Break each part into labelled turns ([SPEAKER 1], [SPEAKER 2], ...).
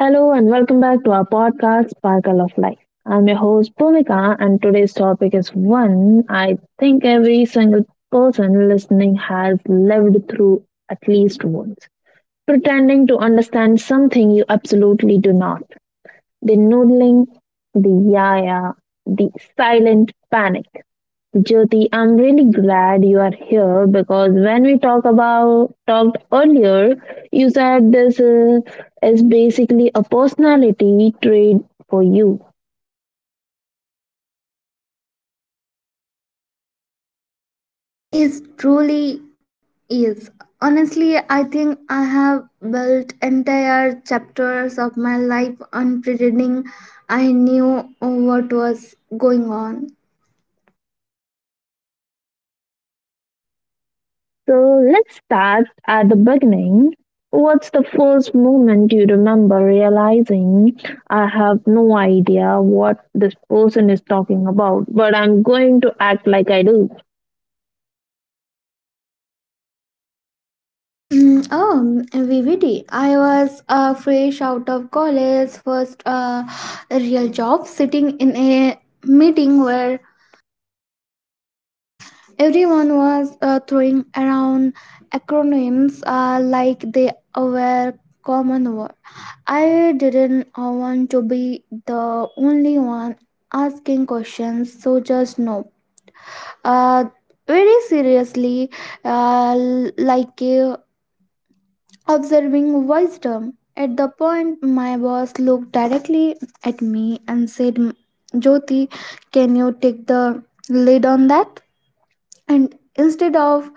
[SPEAKER 1] Hello and welcome back to our podcast, Sparkle of Life. I'm your host, Bhumika, and today's topic is one I think every single person listening has lived through at least once. Pretending to understand something you absolutely do not. The noodling, the yaya, the silent panic. Jyoti, I'm really glad you are here because when we talked earlier, you said this is basically a personality trait for you.
[SPEAKER 2] Is truly is honestly I think I have built entire chapters of my life on pretending I knew what was going on.
[SPEAKER 1] So let's start at the beginning. What's the first moment you remember realizing I have no idea what this person is talking about, but I'm going to act like I do?
[SPEAKER 2] Mm, oh VVD. I was fresh out of college, first real job, sitting in a meeting where everyone was throwing around acronyms like they were common word. I didn't want to be the only one asking questions, so just no. Uh, Very seriously, uh, like uh, observing wisdom. At the point, my boss looked directly at me and said, "Jyoti, can you take the lead on that?" And instead of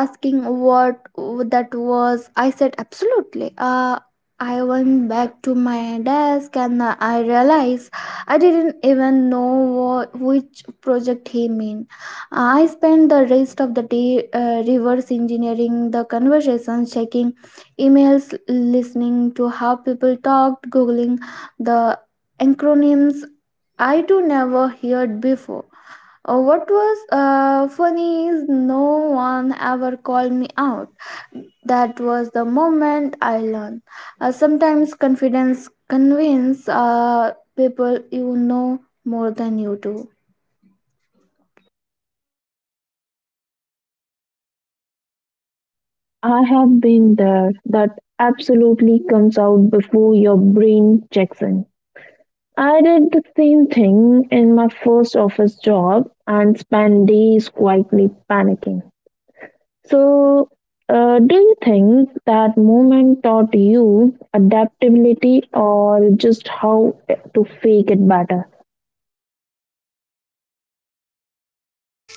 [SPEAKER 2] asking what that was, I said absolutely. I went back to my desk and I realized I didn't even know which project he meant. I spent the rest of the day reverse engineering the conversations, checking emails, listening to how people talked, googling the acronyms I too never heard before. What was funny is no one ever called me out. That was the moment I learned. Sometimes confidence convinces people you know more than you do.
[SPEAKER 1] I have been there. That absolutely comes out before your brain checks in. I did the same thing in my first office job and spent days quietly panicking. So, do you think that moment taught you adaptability or just how to fake it better?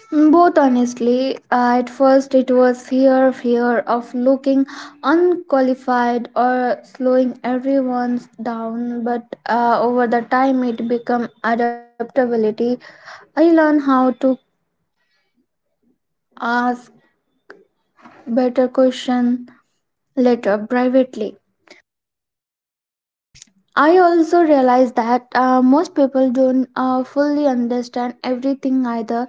[SPEAKER 2] Both honestly, at first it was fear of looking unqualified or slowing everyone down, but over the time it became adaptability. I learned how to ask better question later privately. I also realize that most people don't fully understand everything either.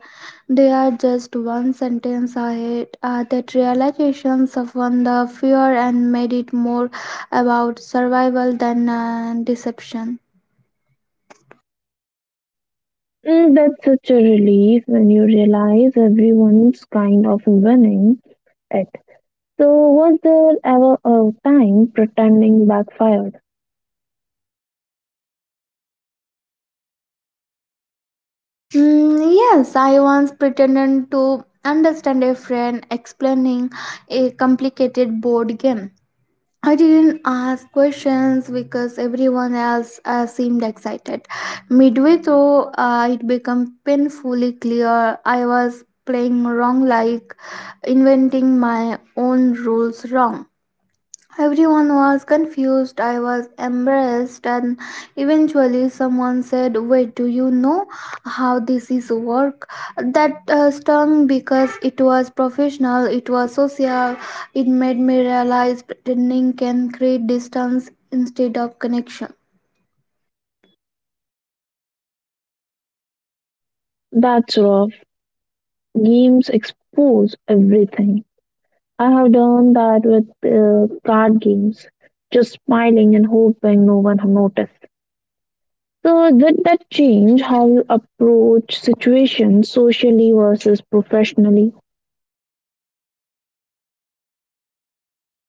[SPEAKER 2] They are just one sentence ahead. That realization softened the fear and made it more about survival than deception.
[SPEAKER 1] Mm, that's such a relief when you realize everyone's kind of winning it. So, was there ever a time pretending backfired?
[SPEAKER 2] Mm, yes, I once pretended to understand a friend explaining a complicated board game. I didn't ask questions because everyone else seemed excited. Midway through, it became painfully clear I was playing wrong, like inventing my own rules wrong. Everyone was confused. I was embarrassed, and eventually, someone said, "Wait, do you know how this is work?" That stung because it was professional, it was social. It made me realize pretending can create distance instead of connection.
[SPEAKER 1] That's rough. Games expose everything. I have done that with card games, just smiling and hoping no one noticed. So did that change how you approach situations socially versus professionally?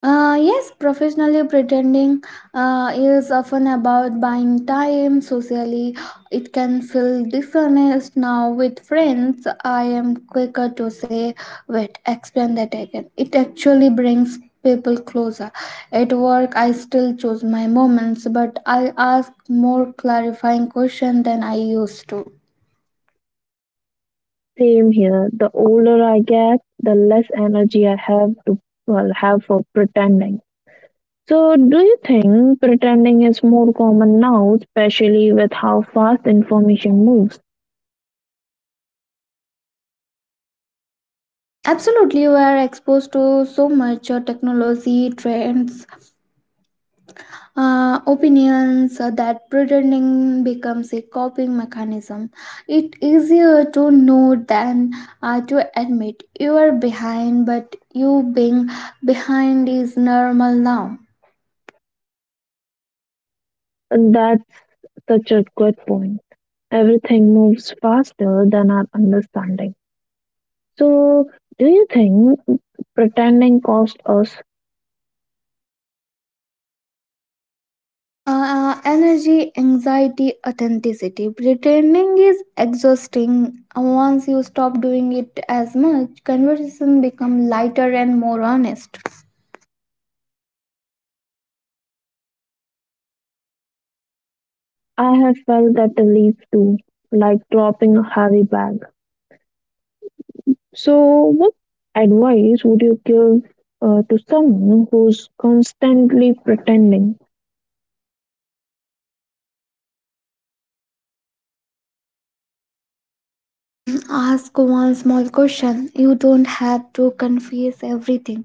[SPEAKER 2] Yes, professionally pretending is often about buying time. Socially, it can feel dishonest. Now, with friends, I am quicker to say, "Wait, explain that again." It actually brings people closer. At work, I still choose my moments, but I ask more clarifying questions than I used to.
[SPEAKER 1] Same here. The older I get, the less energy I have for pretending. So do you think pretending is more common now, especially with how fast information moves?
[SPEAKER 2] Absolutely, we are exposed to so much technology trends, opinions that pretending becomes a coping mechanism. It easier to know than to admit you are behind, but you being behind is normal now.
[SPEAKER 1] And that's such a good point. Everything moves faster than our understanding. So, do you think pretending cost us?
[SPEAKER 2] Energy, anxiety, authenticity. Pretending is exhausting. Once you stop doing it as much, conversation become lighter and more honest.
[SPEAKER 1] I have felt that the leads too, like dropping a heavy bag. So, what advice would you give to someone who's constantly pretending?
[SPEAKER 2] Mm, ask one small question. You don't have to confess everything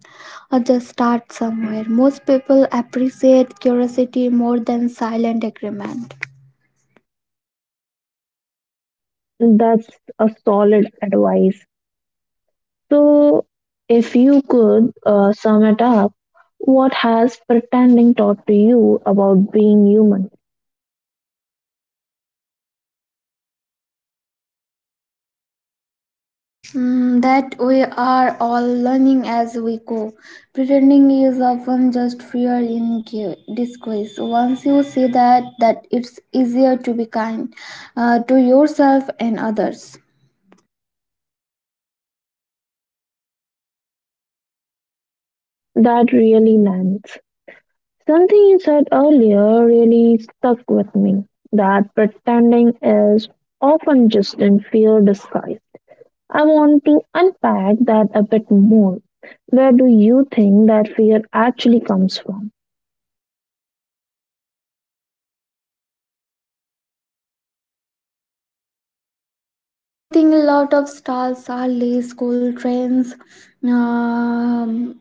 [SPEAKER 2] or just start somewhere. Most people appreciate curiosity more than silent agreement.
[SPEAKER 1] That's a solid advice. So, if you could sum it up, what has pretending taught to you about being human?
[SPEAKER 2] Mm, that we are all learning as we go. Pretending is often just fear in disguise. Once you see that, it's easier to be kind to yourself and others.
[SPEAKER 1] That really lands. Something you said earlier really stuck with me that pretending is often just in fear disguise. I want to unpack that a bit more. Where do you think that fear actually comes from?
[SPEAKER 2] I think a lot of stars are late school trends um,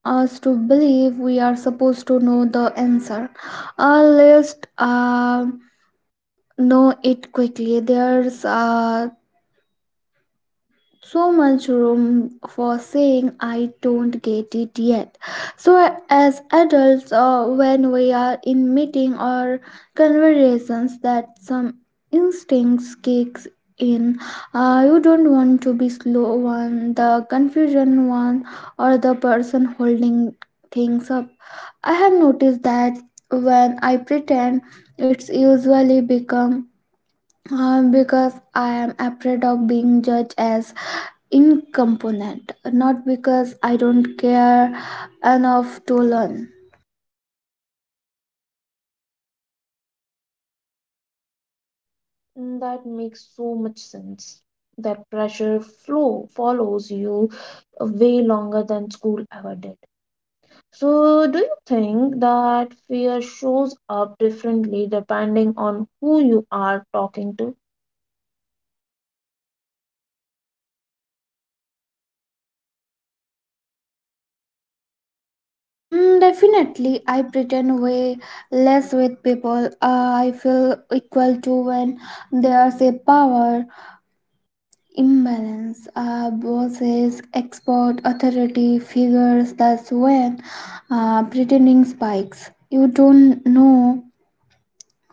[SPEAKER 2] us to believe we are supposed to know the answer. At least know it quickly. There's so much room for saying "I don't get it yet," so as adults, when we are in meeting or conversations that some instincts kicks in, you don't want to be slow one, the confusion one, or the person holding things up. I have noticed that when I pretend, it's usually become because I am afraid of being judged as incompetent, not because I don't care enough to learn.
[SPEAKER 1] Mm, that makes so much sense. That pressure flow follows you way longer than school ever did. So, do you think that fear shows up differently depending on who you are talking to?
[SPEAKER 2] Mm, definitely, I pretend way less with people I feel equal to. When there's a power imbalance, bosses, expert, authority figures, that's when pretending spikes. You don't know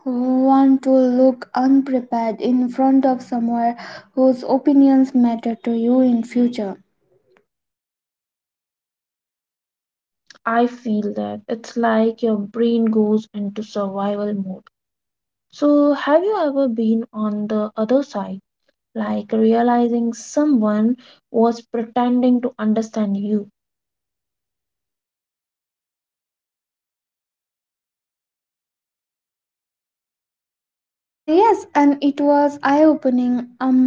[SPEAKER 2] want to look unprepared in front of someone whose opinions matter to you in future.
[SPEAKER 1] I feel that it's like your brain goes into survival mode. So, have you ever been on the other side, like realizing someone was pretending to understand you?
[SPEAKER 2] Ah, yes, and it was eye opening. um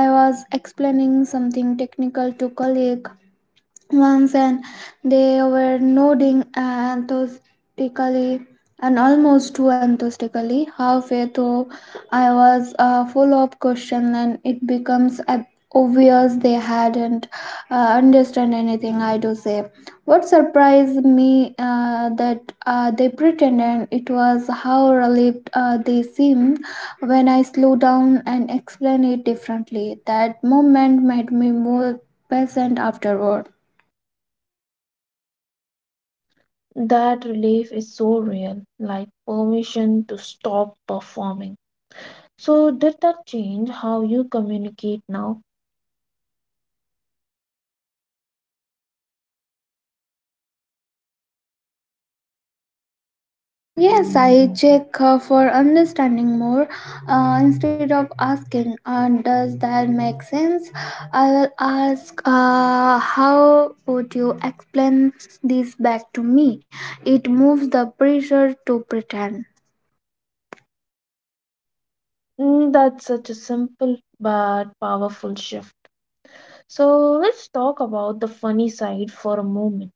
[SPEAKER 2] I was explaining something technical to colleague once, and they were nodding enthusiastically, and almost too enthusiastically. Halfway through, I was full of question, and it becomes obvious they hadn't understood anything I do say. What surprised me that they pretended, it was how relieved they seemed when I slow down and explain it differently. That moment made me more patient afterward.
[SPEAKER 1] That relief is so real, like permission to stop performing. So, did that change how you communicate now?
[SPEAKER 2] Yes, I check for understanding more. Instead of asking, "Uh, does that make sense?" I will ask, "Uh, how would you explain this back to me?" It moves the pressure to pretend.
[SPEAKER 1] Mm, that's such a simple but powerful shift. So, let's talk about the funny side for a moment.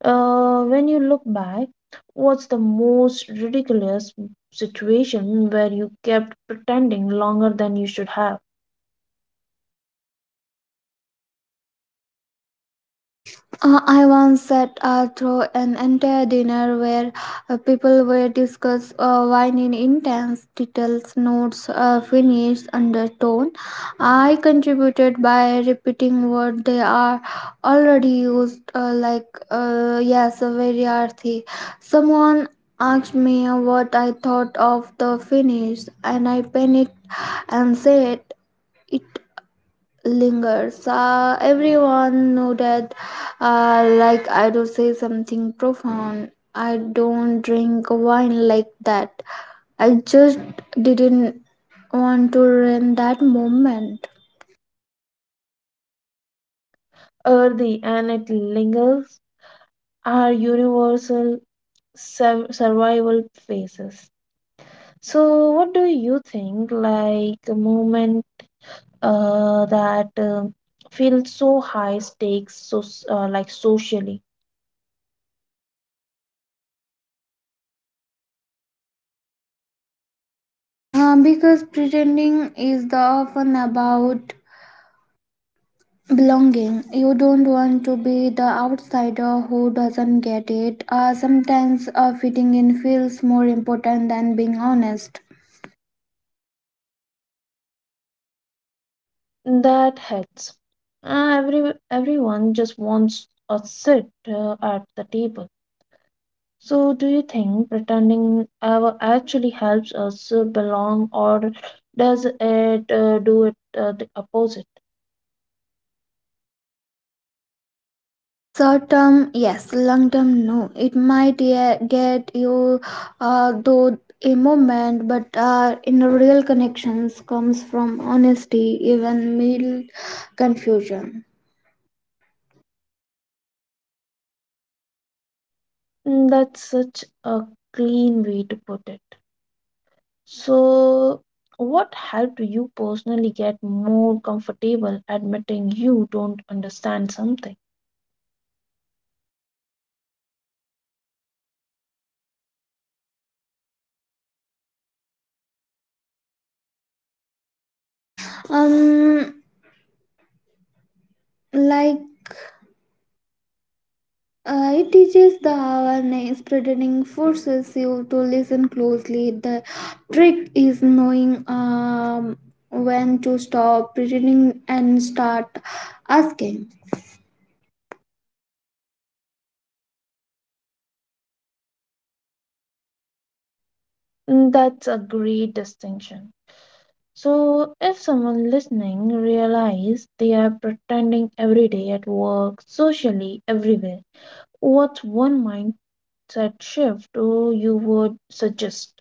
[SPEAKER 1] When you look back, what's the most ridiculous situation where you kept pretending longer than you should have?
[SPEAKER 2] I once sat through an entire dinner where people were discuss wine in intense details, notes, finished undertone. I contributed by repeating words they are already used, like "Yes, very earthy." Someone asked me what I thought of the finish, and I panicked and said it lingers. Everyone nodded, like I do say something profound. I don't drink wine like that. I just didn't want to ruin that moment.
[SPEAKER 1] Earthy and it lingers are universal survival phases. So, what do you think? Like a moment that feels so high stakes, so like socially
[SPEAKER 2] Because pretending is the often about belonging. You don't want to be the outsider who doesn't get it. Sometimes fitting in feels more important than being honest.
[SPEAKER 1] that hurts. Uh, every Everyone just wants a sit at the table. So, do you think pretending ever actually helps us belong, or does it the opposite?
[SPEAKER 2] Short term, yes. Long term, no. It might yeah, get you though a moment, but in real connections comes from honesty, even mild confusion.
[SPEAKER 1] Mm, that's such a clean way to put it. So, what helped you personally get more comfortable admitting you don't understand something?
[SPEAKER 2] Um, like it teaches the awareness, pretending forces you to listen closely. The trick is knowing when to stop pretending and start asking.
[SPEAKER 1] Mm, that's a great distinction. So, if someone listening realize they are pretending every day at work, socially, everywhere, what's one mindset shift you would suggest?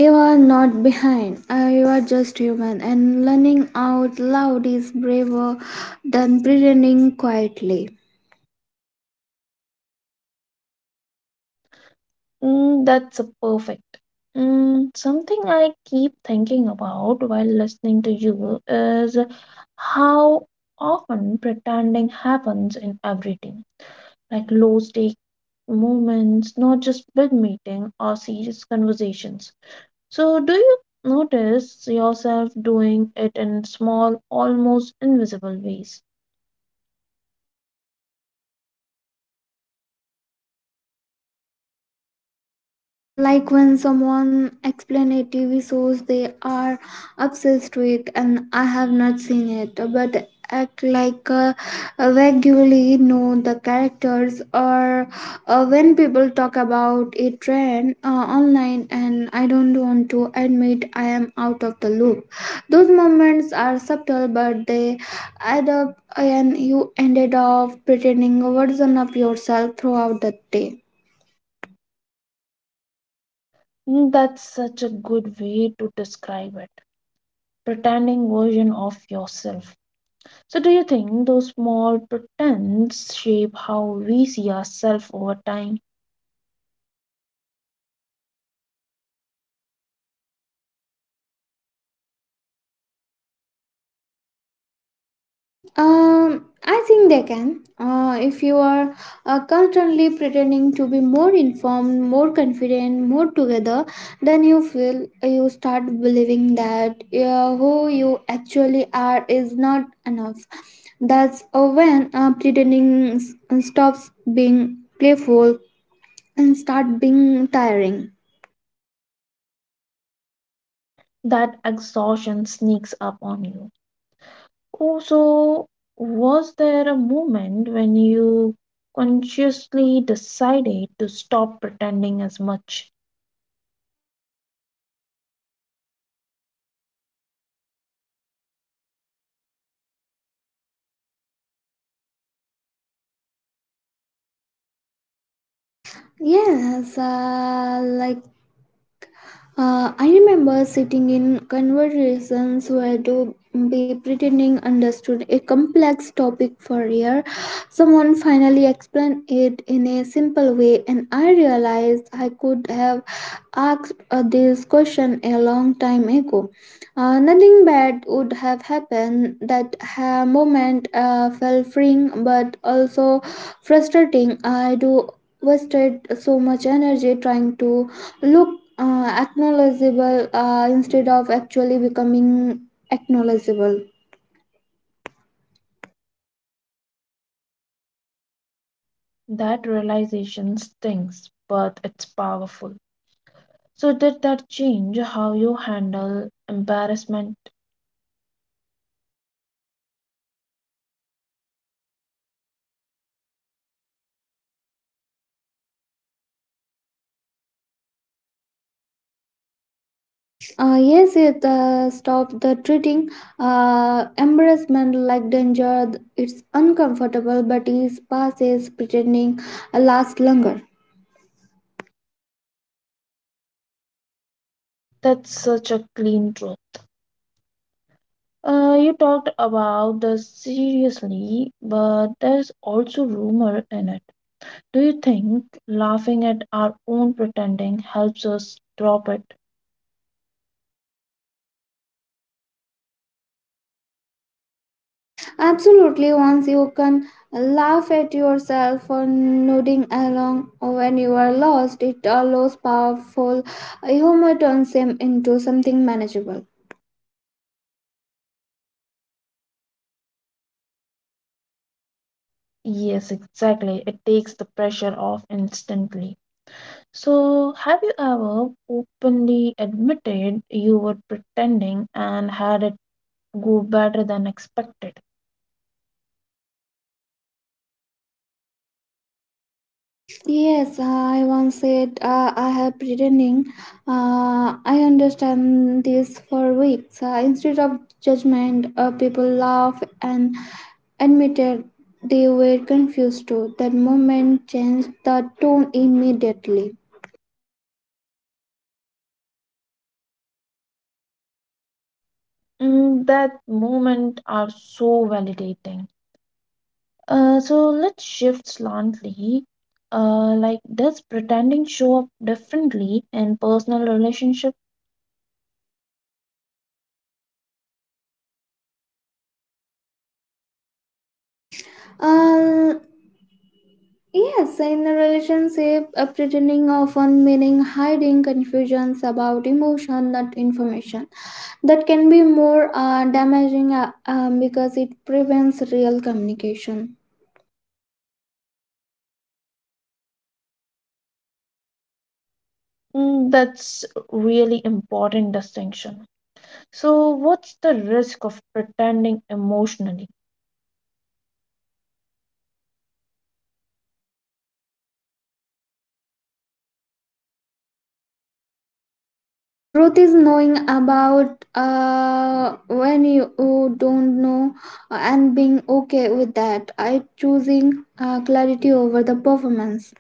[SPEAKER 2] You are not behind. You are just human, and learning out loud is braver than pretending quietly.
[SPEAKER 1] Mm, that's a perfect. Mm, something I keep thinking about while listening to you is how often pretending happens in everything, like low stake moments, not just big meeting or serious conversations. So, do you notice yourself doing it in small, almost invisible ways?
[SPEAKER 2] Like when someone explain a TV shows they are obsessed with, and I have not seen it, but act like vaguely know the characters, or when people talk about a trend online, and I don't want to admit I am out of the loop. Those moments are subtle, but they add up, and you ended up pretending a version of yourself throughout the day.
[SPEAKER 1] Mm, that's such a good way to describe it. Pretending version of yourself. So, do you think those small pretends shape how we see ourselves over time?
[SPEAKER 2] I think they can. If you are constantly pretending to be more informed, more confident, more together, then you feel you start believing that who you actually are is not enough. That's when pretending stops being playful and start being tiring.
[SPEAKER 1] That exhaustion sneaks up on you. Also, was there a moment when you consciously decided to stop pretending as much?
[SPEAKER 2] Yes, like I remember sitting in conversations where to be pretending understood a complex topic for a year. Someone finally explained it in a simple way, and I realized I could have asked this question a long time ago. Nothing bad would have happened. That moment felt freeing but also frustrating. I do wasted so much energy trying to look acknowledgeable instead of actually becoming acknowledgeable.
[SPEAKER 1] That realization stings, but it's powerful. So, did that change how you handle embarrassment?
[SPEAKER 2] Yes, it stops the treating embarrassment like danger. It's uncomfortable, but it passes. Pretending last longer.
[SPEAKER 1] That's such a clean truth. You talked about the seriously, but there's also rumor in it. Do you think laughing at our own pretending helps us drop it?
[SPEAKER 2] Absolutely, once you can laugh at yourself for nodding along when you are lost, it allows powerful humor turns them into something manageable.
[SPEAKER 1] Yes, exactly. It takes the pressure off instantly. So, have you ever openly admitted you were pretending and had it go better than expected?
[SPEAKER 2] Yes, I once said, "I have pretending. I understand this for weeks." Instead of judgment, people laugh and admitted they were confused too. That moment changed the tone immediately.
[SPEAKER 1] Mm, that moment are so validating. So let's shift slightly. Does pretending show up differently in personal relationship?
[SPEAKER 2] Uh, Yes, in a relationship, a pretending often meaning hiding confusions about emotion, not information. That can be more damaging because it prevents real communication.
[SPEAKER 1] Mm, that's really important distinction. So, what's the risk of pretending emotionally?
[SPEAKER 2] Growth is knowing about when you don't know and being okay with that. I choosing clarity over the performance.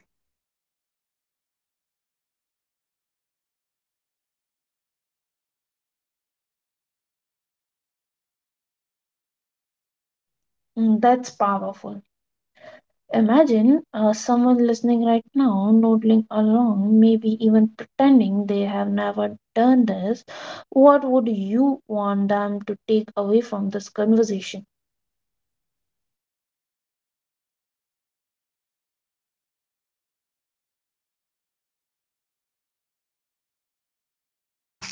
[SPEAKER 1] Mm, that's powerful. Imagine someone listening right now, nodding along, maybe even pretending they have never done this. What would you want them to take away from this conversation?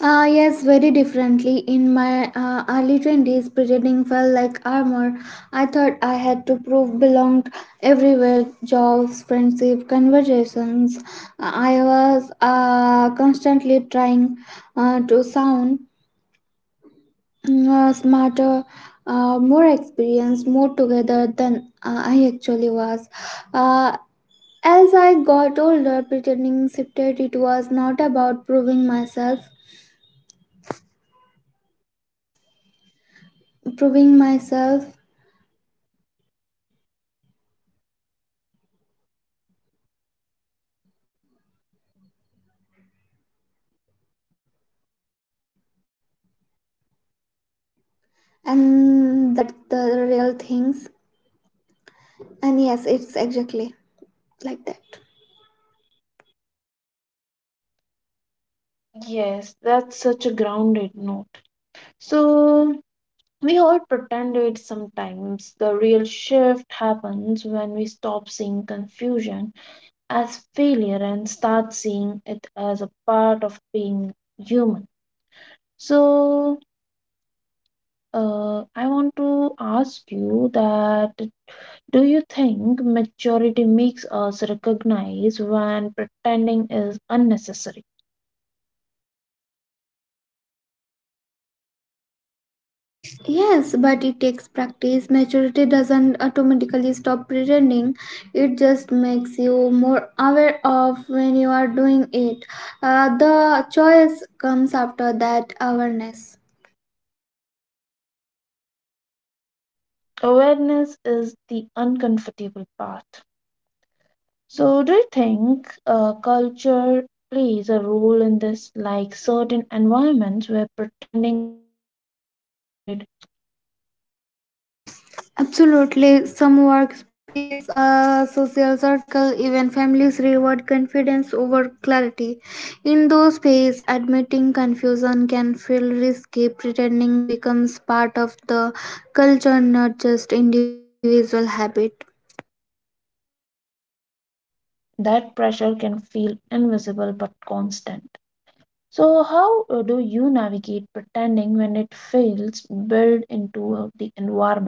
[SPEAKER 2] Ah, yes, very differently. In my early 20s, pretending felt like armor. I thought I had to prove belonged everywhere, jobs, friendship, conversations. I was constantly trying to sound smarter, more experienced, more together than I actually was. Uh, as I got older, pretending shifted. It was not about proving myself, and that the real things. And yes, it's exactly like that.
[SPEAKER 1] Yes, that's such a grounded note. So, we all pretend it sometimes. The real shift happens when we stop seeing confusion as failure and start seeing it as a part of being human. So, I want to ask you that do you think maturity makes us recognize when pretending is unnecessary?
[SPEAKER 2] Yes, but it takes practice. Maturity doesn't automatically stop pretending, it just makes you more aware of when you are doing it. The choice comes after that awareness.
[SPEAKER 1] Awareness is the uncomfortable part. So, do you think culture plays a role in this, like certain environments where pretending is almost expected?
[SPEAKER 2] Absolutely. Some workspace, social circle, even families reward confidence over clarity. In those spaces, admitting confusion can feel risky. Pretending becomes part of the culture, not just individual habit.
[SPEAKER 1] That pressure can feel invisible but constant. So, how do you navigate pretending when it feels built into the environment?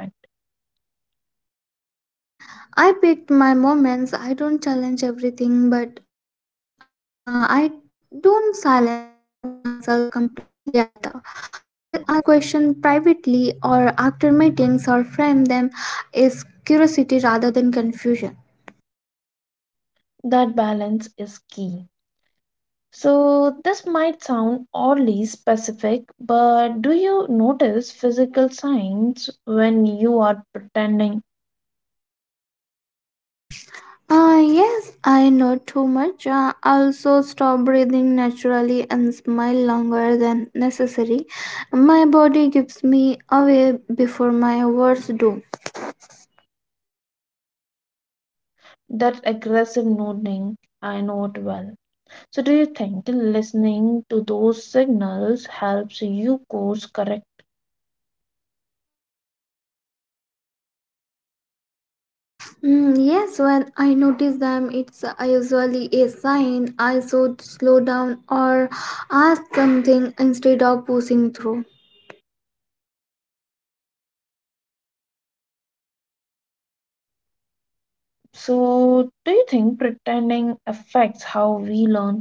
[SPEAKER 2] I picked my moments. I don't challenge everything, but I don't silence myself completely either. I will ask questions privately or after meetings, or frame them as curiosity rather than confusion.
[SPEAKER 1] That balance is key. So, this might sound oddly specific, but do you notice physical signs when you are pretending?
[SPEAKER 2] Ah, yes, I know too much. Also, stop breathing naturally and smile longer than necessary. My body gives me away before my words do.
[SPEAKER 1] That aggressive nodding, I know it well. So, do you think listening to those signals helps you course correct?
[SPEAKER 2] Mm, yes, when I notice them, it's usually a sign I should slow down or ask something instead of pushing through.
[SPEAKER 1] So, do you think pretending affects how we learn?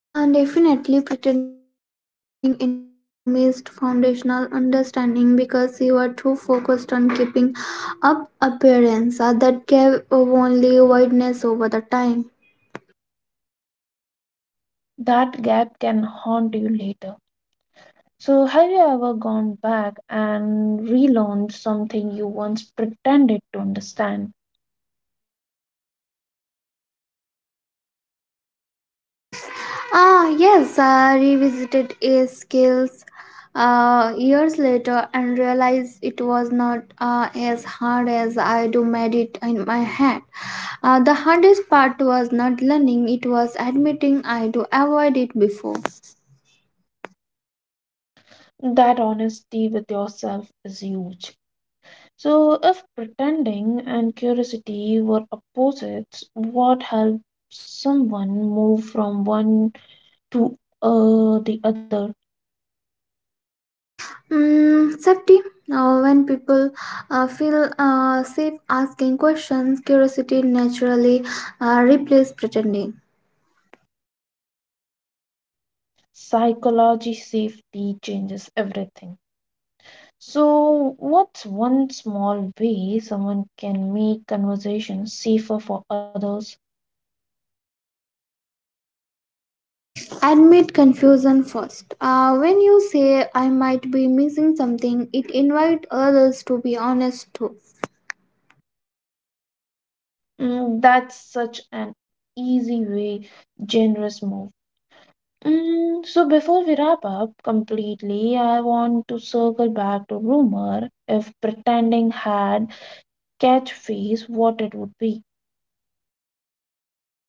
[SPEAKER 2] Definitely, pretending interrupts learning. You missed foundational understanding because you are too focused on keeping up appearance that gave only wideness over the time.
[SPEAKER 1] That gap can haunt you later. So, have you ever gone back and relearned something you once pretended to understand?
[SPEAKER 2] Ah, yes, I revisited a skills years later and realized it was not as hard as I do made it in my head. The hardest part was not learning, it was admitting I do avoid it before.
[SPEAKER 1] That honesty with yourself is huge. So, if pretending and curiosity were opposites, what helps someone move from one to the other?
[SPEAKER 2] Mm, safety. Now, when people feel safe asking questions, curiosity naturally replaces pretending.
[SPEAKER 1] Psychology safety changes everything. So, what's one small way someone can make conversations safer for others?
[SPEAKER 2] Admit confusion first. When you say, "I might be missing something," it invites others to be honest too.
[SPEAKER 1] Mm, that's such an easy way, generous move. Mm, so before we wrap up completely, I want to circle back to rumor. If pretending had catchphrase, what it would be?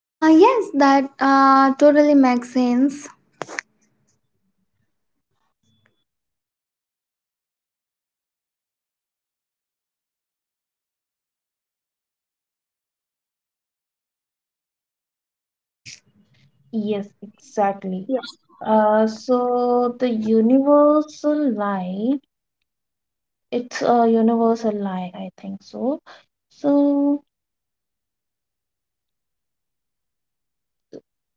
[SPEAKER 2] Yes, that totally makes sense.
[SPEAKER 1] Yes, exactly. So the universal lie, it's a universal lie, I think so. So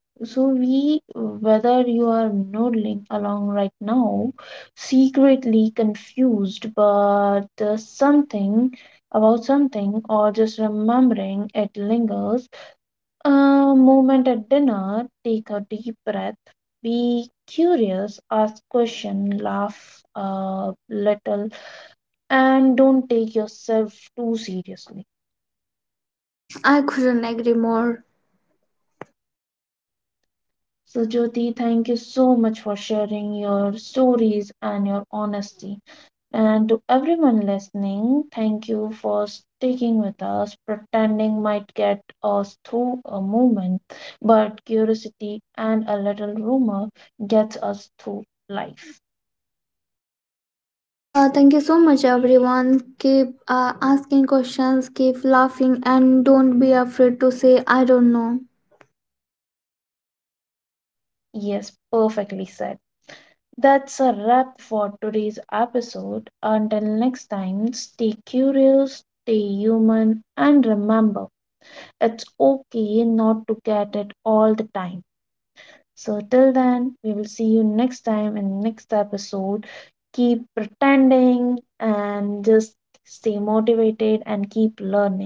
[SPEAKER 1] So we, whether you are nodding along right now, secretly confused, but something about something, or just remembering it lingers. A moment at dinner, take a deep breath, be curious, ask question, laugh a little, and don't take yourself too seriously.
[SPEAKER 2] I couldn't agree more.
[SPEAKER 1] So Jyoti, thank you so much for sharing your stories and your honesty. And to everyone listening, thank you for sticking with us. Pretending might get us through a moment, but curiosity and a little rumor gets us through life.
[SPEAKER 2] Thank you so much, everyone. Keep asking questions, keep laughing, and don't be afraid to say, "I don't know."
[SPEAKER 1] Yes, perfectly said. That's a wrap for today's episode. Until next time, stay curious, stay human, and remember it's okay not to get it all the time. So, till then, we will see you next time in next episode. Keep pretending and just stay motivated and keep learning.